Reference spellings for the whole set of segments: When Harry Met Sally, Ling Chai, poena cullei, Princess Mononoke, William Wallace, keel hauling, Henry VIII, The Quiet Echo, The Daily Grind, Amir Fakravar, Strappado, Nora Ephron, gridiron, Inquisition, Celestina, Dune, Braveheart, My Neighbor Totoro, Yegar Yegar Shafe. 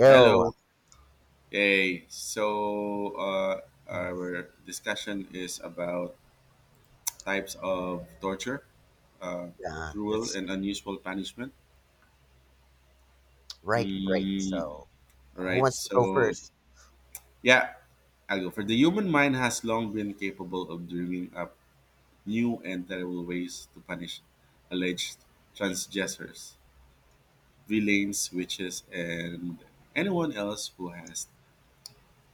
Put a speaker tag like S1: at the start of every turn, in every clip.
S1: Oh,
S2: Hello. Hey. Our discussion is about types of torture, uh,
S1: yeah,
S2: cruel
S1: that's
S2: and unusual punishment.
S1: right, right. So,
S2: Mm,
S1: who
S2: right.
S1: wants to go
S2: So
S1: first?
S2: yeah, I'll go for the human mind has long been capable of dreaming up new and terrible ways to punish alleged transgressors, villains, witches, and anyone else who has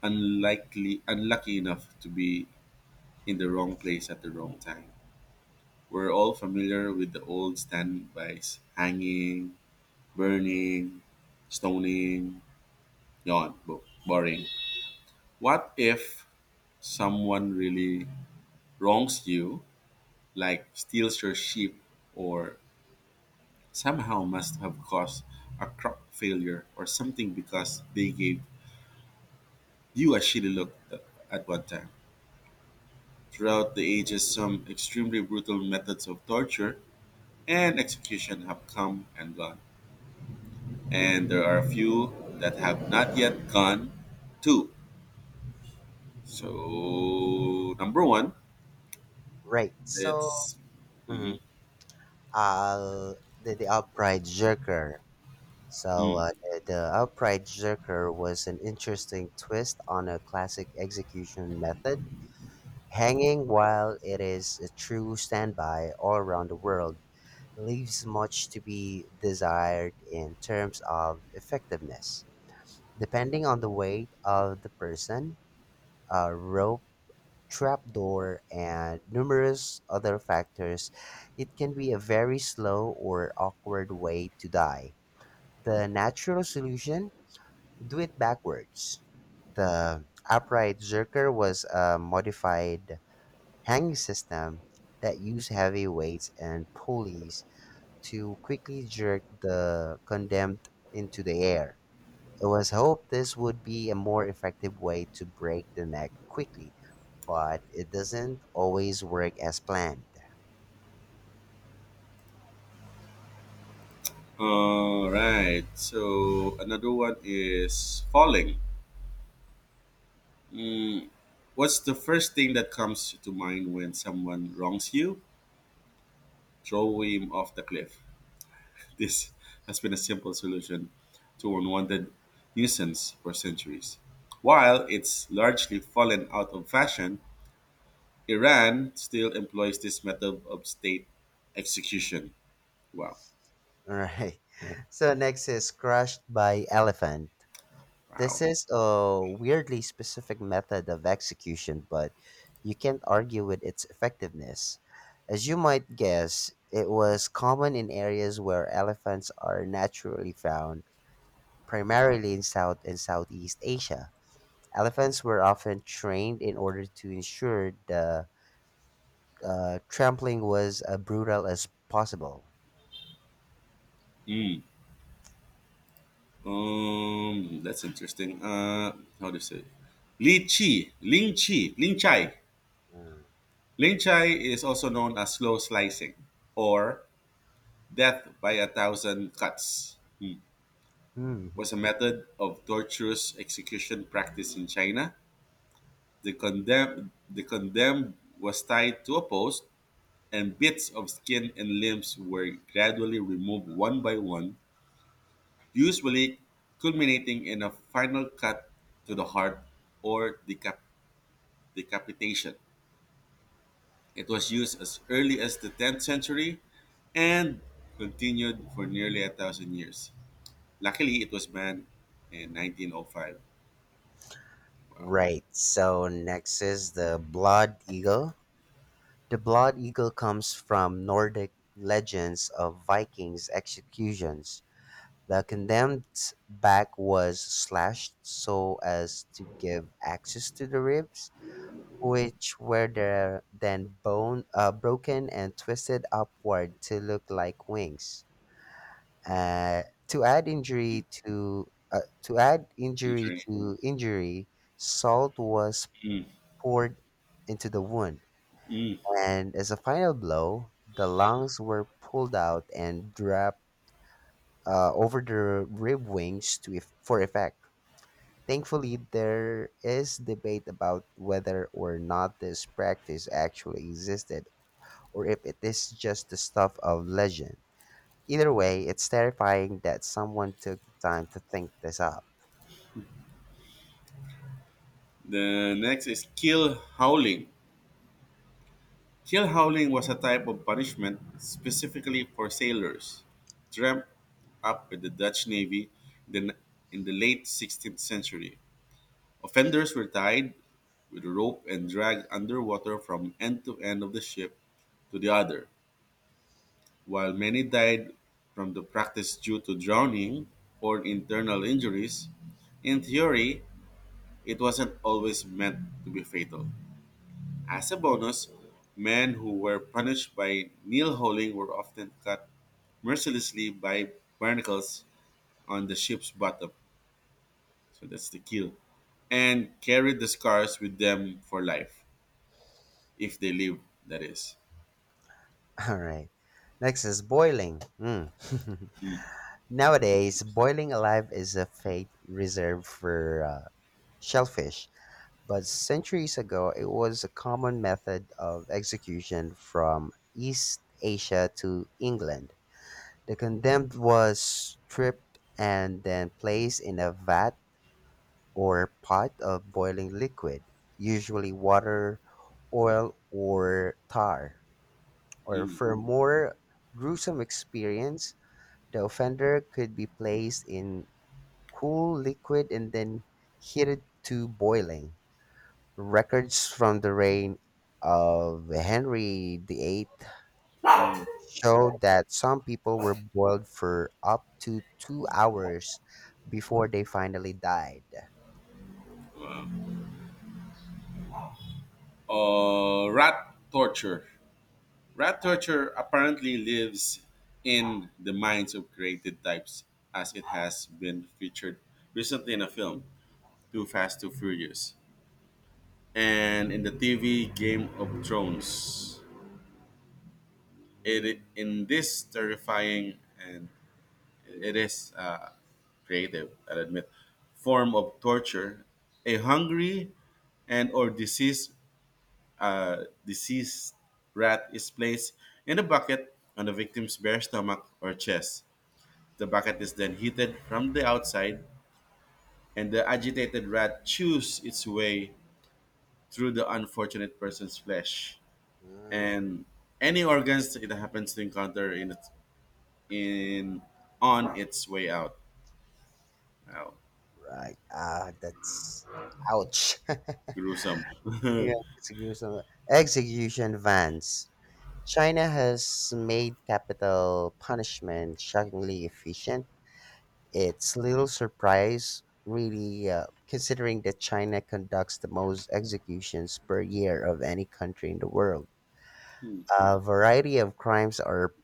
S2: unlikely unlucky enough to be in the wrong place at the wrong time. We're all familiar with the old standbys hanging, burning, stoning, yawn, boring. What if someone really wrongs you, like steals your sheep, or somehow must have caused a crop failure or something because they gave you a shitty look at one time. Throughout the ages, some extremely brutal methods of torture and execution have come and gone and there are a few that have not yet gone to. So number one,
S1: Right.
S2: it's mhm,
S1: Mm, the upright jerker. So,
S2: mm.
S1: uh, the, the upright jerker was an interesting twist on a classic execution method. Hanging, while it is a true standby all around the world, leaves much to be desired in terms of effectiveness. Depending on the weight of the person, a rope trapdoor, and numerous other factors, it can be a very slow or awkward way to die. The natural solution? Do it backwards. The upright zerker was a modified hanging system that used heavy weights and pulleys to quickly jerk the condemned into the air. It was hoped this would be a more effective way to break the neck quickly, but it doesn't always work as planned.
S2: All right. So another one is falling. Mm, what's the first thing that comes to mind when someone wrongs you? Throw him off the cliff. This has been a simple solution to unwanted nuisance for centuries. While it's largely fallen out of fashion, Iran still employs this method of state execution. Wow,
S1: All right. So next is crushed by elephant. This
S2: wow.
S1: is a weirdly specific method of execution, but you can't argue with its effectiveness. As you might guess, it was common in areas where elephants are naturally found, primarily in South and Southeast Asia. Elephants were often trained in order to ensure the trampling was as brutal as possible.
S2: That's interesting. How do you say? Li Chi, Ling Chi, Ling Chai.
S1: Mm.
S2: Ling Chai is also known as slow slicing or death by a thousand cuts. Hmm.
S1: Mhm.
S2: Was a method of torturous execution practiced in China. The condemned was tied to a post and bits of skin and limbs were gradually removed one by one, usually culminating in a final cut to the heart or decapitation. It was used as early as the 10th century and continued for nearly a thousand years. Luckily, it was banned in 1905. Wow.
S1: Right. So next is the Blood Eagle. The Blood Eagle comes from Nordic legends of Vikings executions. The condemned's back was slashed so as to give access to the ribs, which were there, then bone broken and twisted upward to look like wings. Uh, to add injury
S2: During-
S1: to injury, salt was
S2: Mm,
S1: poured into the wound,
S2: mm.
S1: and as a final blow, the lungs were pulled out and draped over the rib wings to if- for effect. Thankfully, there is debate about whether or not this practice actually existed, or if it is just the stuff of legend. Either way, it's terrifying that someone took the time to think this up.
S2: The next is kill howling. Keel howling was a type of punishment specifically for sailors, dreamt up by the Dutch Navy in the, in the late 16th century. Offenders were tied with a rope and dragged underwater from end to end of the ship to the other, while many died from the practice due to drowning or internal injuries. In theory, it wasn't always meant to be fatal. As a bonus, men who were punished by kneel holing were often cut mercilessly by barnacles on the ship's bottom. So that's the keel. And carried the scars with them for life, if they live. That is.
S1: All right. Next is boiling. Mm. Nowadays, boiling alive is a fate reserved for shellfish, but centuries ago, it was a common method of execution from East Asia to England. The condemned was stripped and then placed in a vat or pot of boiling liquid, usually water, oil, or tar, or
S2: Mm.
S1: for a more gruesome experience, the offender could be placed in cool liquid and then heated to boiling. Records from the reign of Henry VIII show that some people were boiled for up to 2 hours before they finally died.
S2: Rat torture. Rat torture apparently lives in the minds of created types as it has been featured recently in a film, Too Fast, Too Furious. And in the TV Game of Thrones. It in this terrifying and it is creative, I will admit, form of torture. A hungry and or diseased diseased rat is placed in a bucket on the victim's bare stomach or chest. The bucket is then heated from the outside, and the agitated rat chews its way through the unfortunate person's flesh.
S1: Mm,
S2: And any organs it happens to encounter in its in on its way out. Wow,
S1: right. Ah, that's ouch.
S2: gruesome.
S1: Yeah, execution vans. China has made capital punishment shockingly efficient. It's little surprise, really, considering that China conducts the most executions per year of any country in the world. A variety of crimes are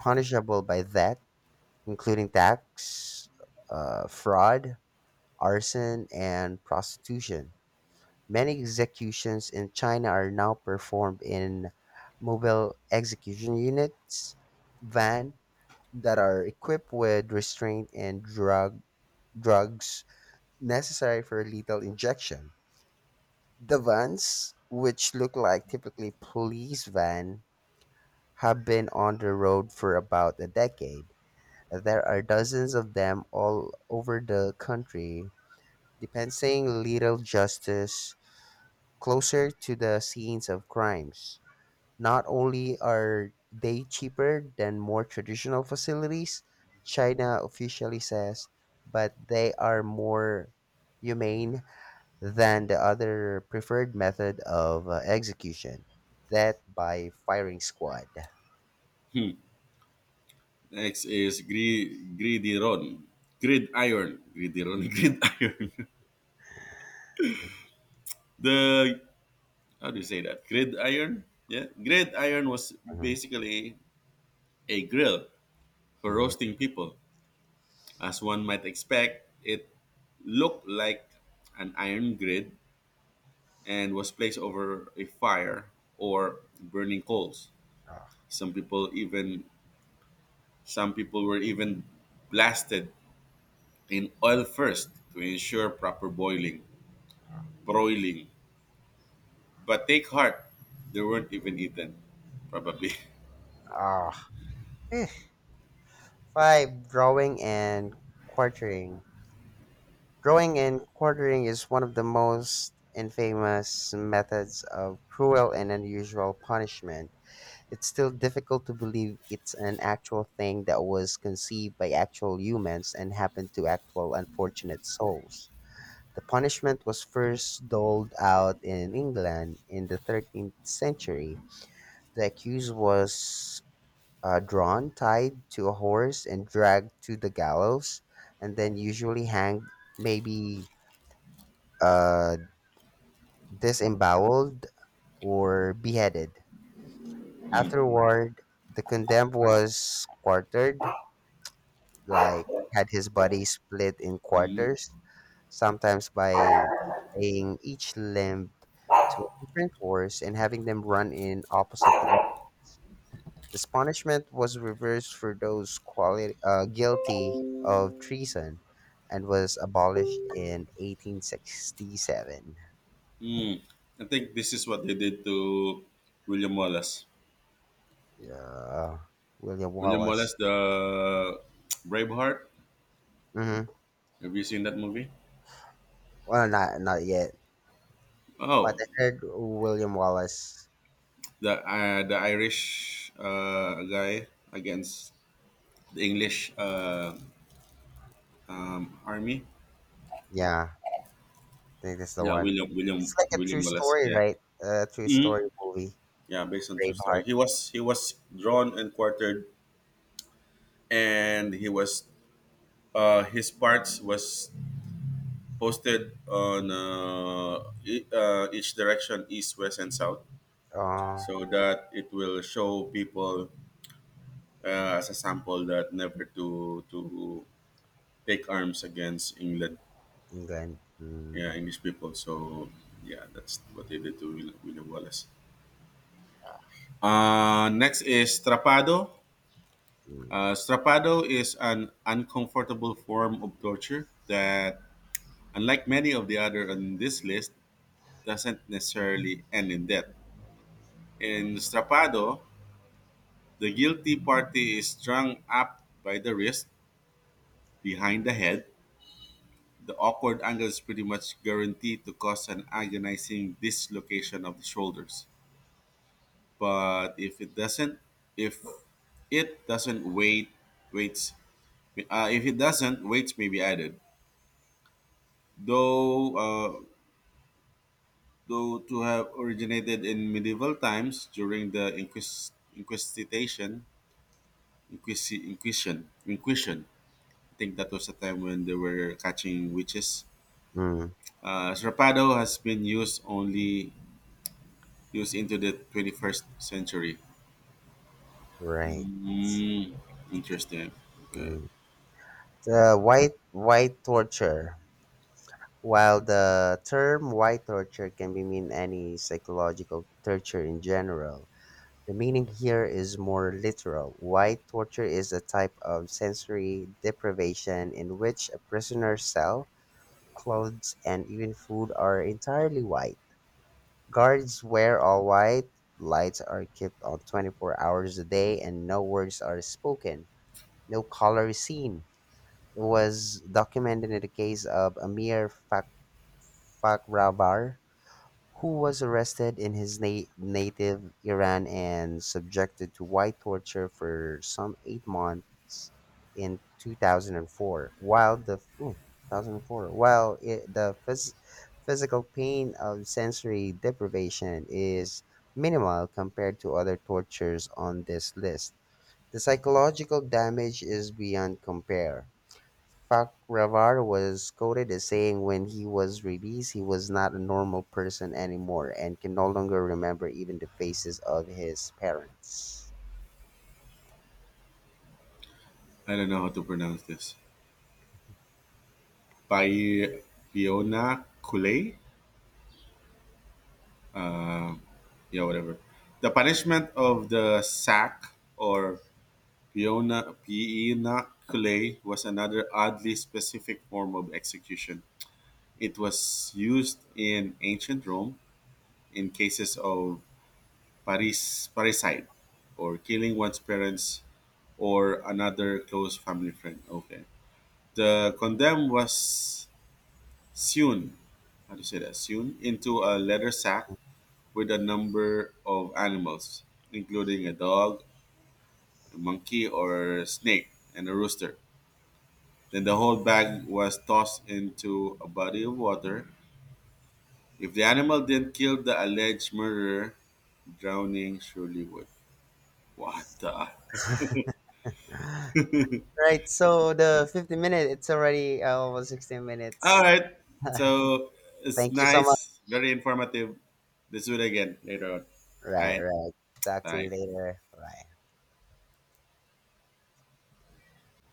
S1: punishable by that, including tax, fraud, arson, and prostitution. Many executions in China are now performed in mobile execution units, van, that are equipped with restraint and drugs necessary for lethal injection. The vans, which look like typically police van, have been on the road for about a decade. There are dozens of them all over the country, dispensing lethal justice closer to the scenes of crimes. Not only are they cheaper than more traditional facilities, China officially says, but they are more humane than the other preferred method of execution, that by firing squad.
S2: Next is gridiron, gridiron, gridiron, gridiron. The how do you say that? Gridiron. Yeah, gridiron was
S1: Mhm,
S2: basically a grill for
S1: mhm.
S2: roasting people. As one might expect, it looked like an iron grid and was placed over a fire or burning coals. Some people even some people were even blasted in oil first to ensure proper boiling, broiling. But take heart, they weren't even eaten, probably.
S1: Ah, eh. Five, drawing and quartering. Drawing and quartering is one of the most infamous methods of cruel and unusual punishment. It's still difficult to believe it's an actual thing that was conceived by actual humans and happened to actual unfortunate souls. The punishment was first doled out in England in the 13th century. The accused was drawn, tied to a horse, and dragged to the gallows, and then usually hanged, maybe uh, disemboweled, or beheaded. Afterward, the condemned was quartered, like had his body split in quarters, sometimes by tying each limb to a different horse and having them run in opposite directions. This punishment was reversed for those guilty of treason and was abolished in 1867.
S2: I think this is what they did to William Wallace.
S1: Yeah, William
S2: William
S1: Wallace.
S2: Wallace, the Braveheart.
S1: Mm-hmm.
S2: Have you seen that movie?
S1: Well, not yet, but
S2: Oh,
S1: I heard William Wallace.
S2: the Irish guy against the English army.
S1: Yeah. think that's the
S2: Yeah,
S1: one. It's like a true
S2: William Wallace.
S1: story,
S2: Yeah.
S1: right? A true
S2: Mhm.
S1: story movie.
S2: Yeah, based on true
S1: Braveheart.
S2: story. He was drawn and quartered, and he was his parts was posted on each direction, east, west, and south,
S1: Oh,
S2: so that it will show people as a sample that never to take arms against England,
S1: England.
S2: yeah,
S1: Mm,
S2: English people. So yeah, that's what they did to William Wallace. Next is Trapado.
S1: mm,
S2: Strapado is an uncomfortable form of torture that, unlike many of the other on this list, doesn't necessarily end in death. In Strapado, the guilty party is strung up by the wrist behind the head. The awkward angle is pretty much guaranteed to cause an agonizing dislocation of the shoulders. But if it doesn't, if it doesn't wait, waits, if it doesn't, weights may be added. Though uh, though to have originated in medieval times during the Inquisition. I think that was a time when they were catching witches.
S1: mm,
S2: Serrapado has been used into the 21st century.
S1: right.
S2: Mm, interesting. Okay.
S1: Mm. The white torture. While the term white torture can be mean any psychological torture in general, the meaning here is more literal. White torture is a type of sensory deprivation in which a prisoner's cell, clothes, and even food are entirely white. Guards wear all white, lights are kept on 24 hours a day, and no words are spoken. No color is seen. It was documented in the case of Amir Fakravar, who was arrested in his native Iran and subjected to white torture for some 8 months in 2004. 2004, while it, the phys- physical pain of sensory deprivation is minimal compared to other tortures on this list, the psychological damage is beyond compare. Farquhar was quoted as saying when he was released he was not a normal person anymore and can no longer remember even the faces of his parents.
S2: I don't know how to pronounce this. Pi- Piona Kule? Yeah, whatever. The punishment of the sack or Peona, pinaculae was another oddly specific form of execution. It was used in ancient Rome in cases of parricide, or killing one's parents or another close family friend. Okay. The condemned was sewn, how do you say that? Sewn into a leather sack with a number of animals, including a dog, a monkey or snake, and a rooster. Then the whole bag was tossed into a body of water. If the animal didn't kill the alleged murderer, drowning surely would. What the?
S1: Right, so the 50-minute, it's already almost 16
S2: All
S1: minutes.
S2: right. So it's
S1: Thank you so much.
S2: nice, very informative. Let's do it again later on. All
S1: Right,
S2: right.
S1: right. Talk to you
S2: Bye.
S1: later. Bye.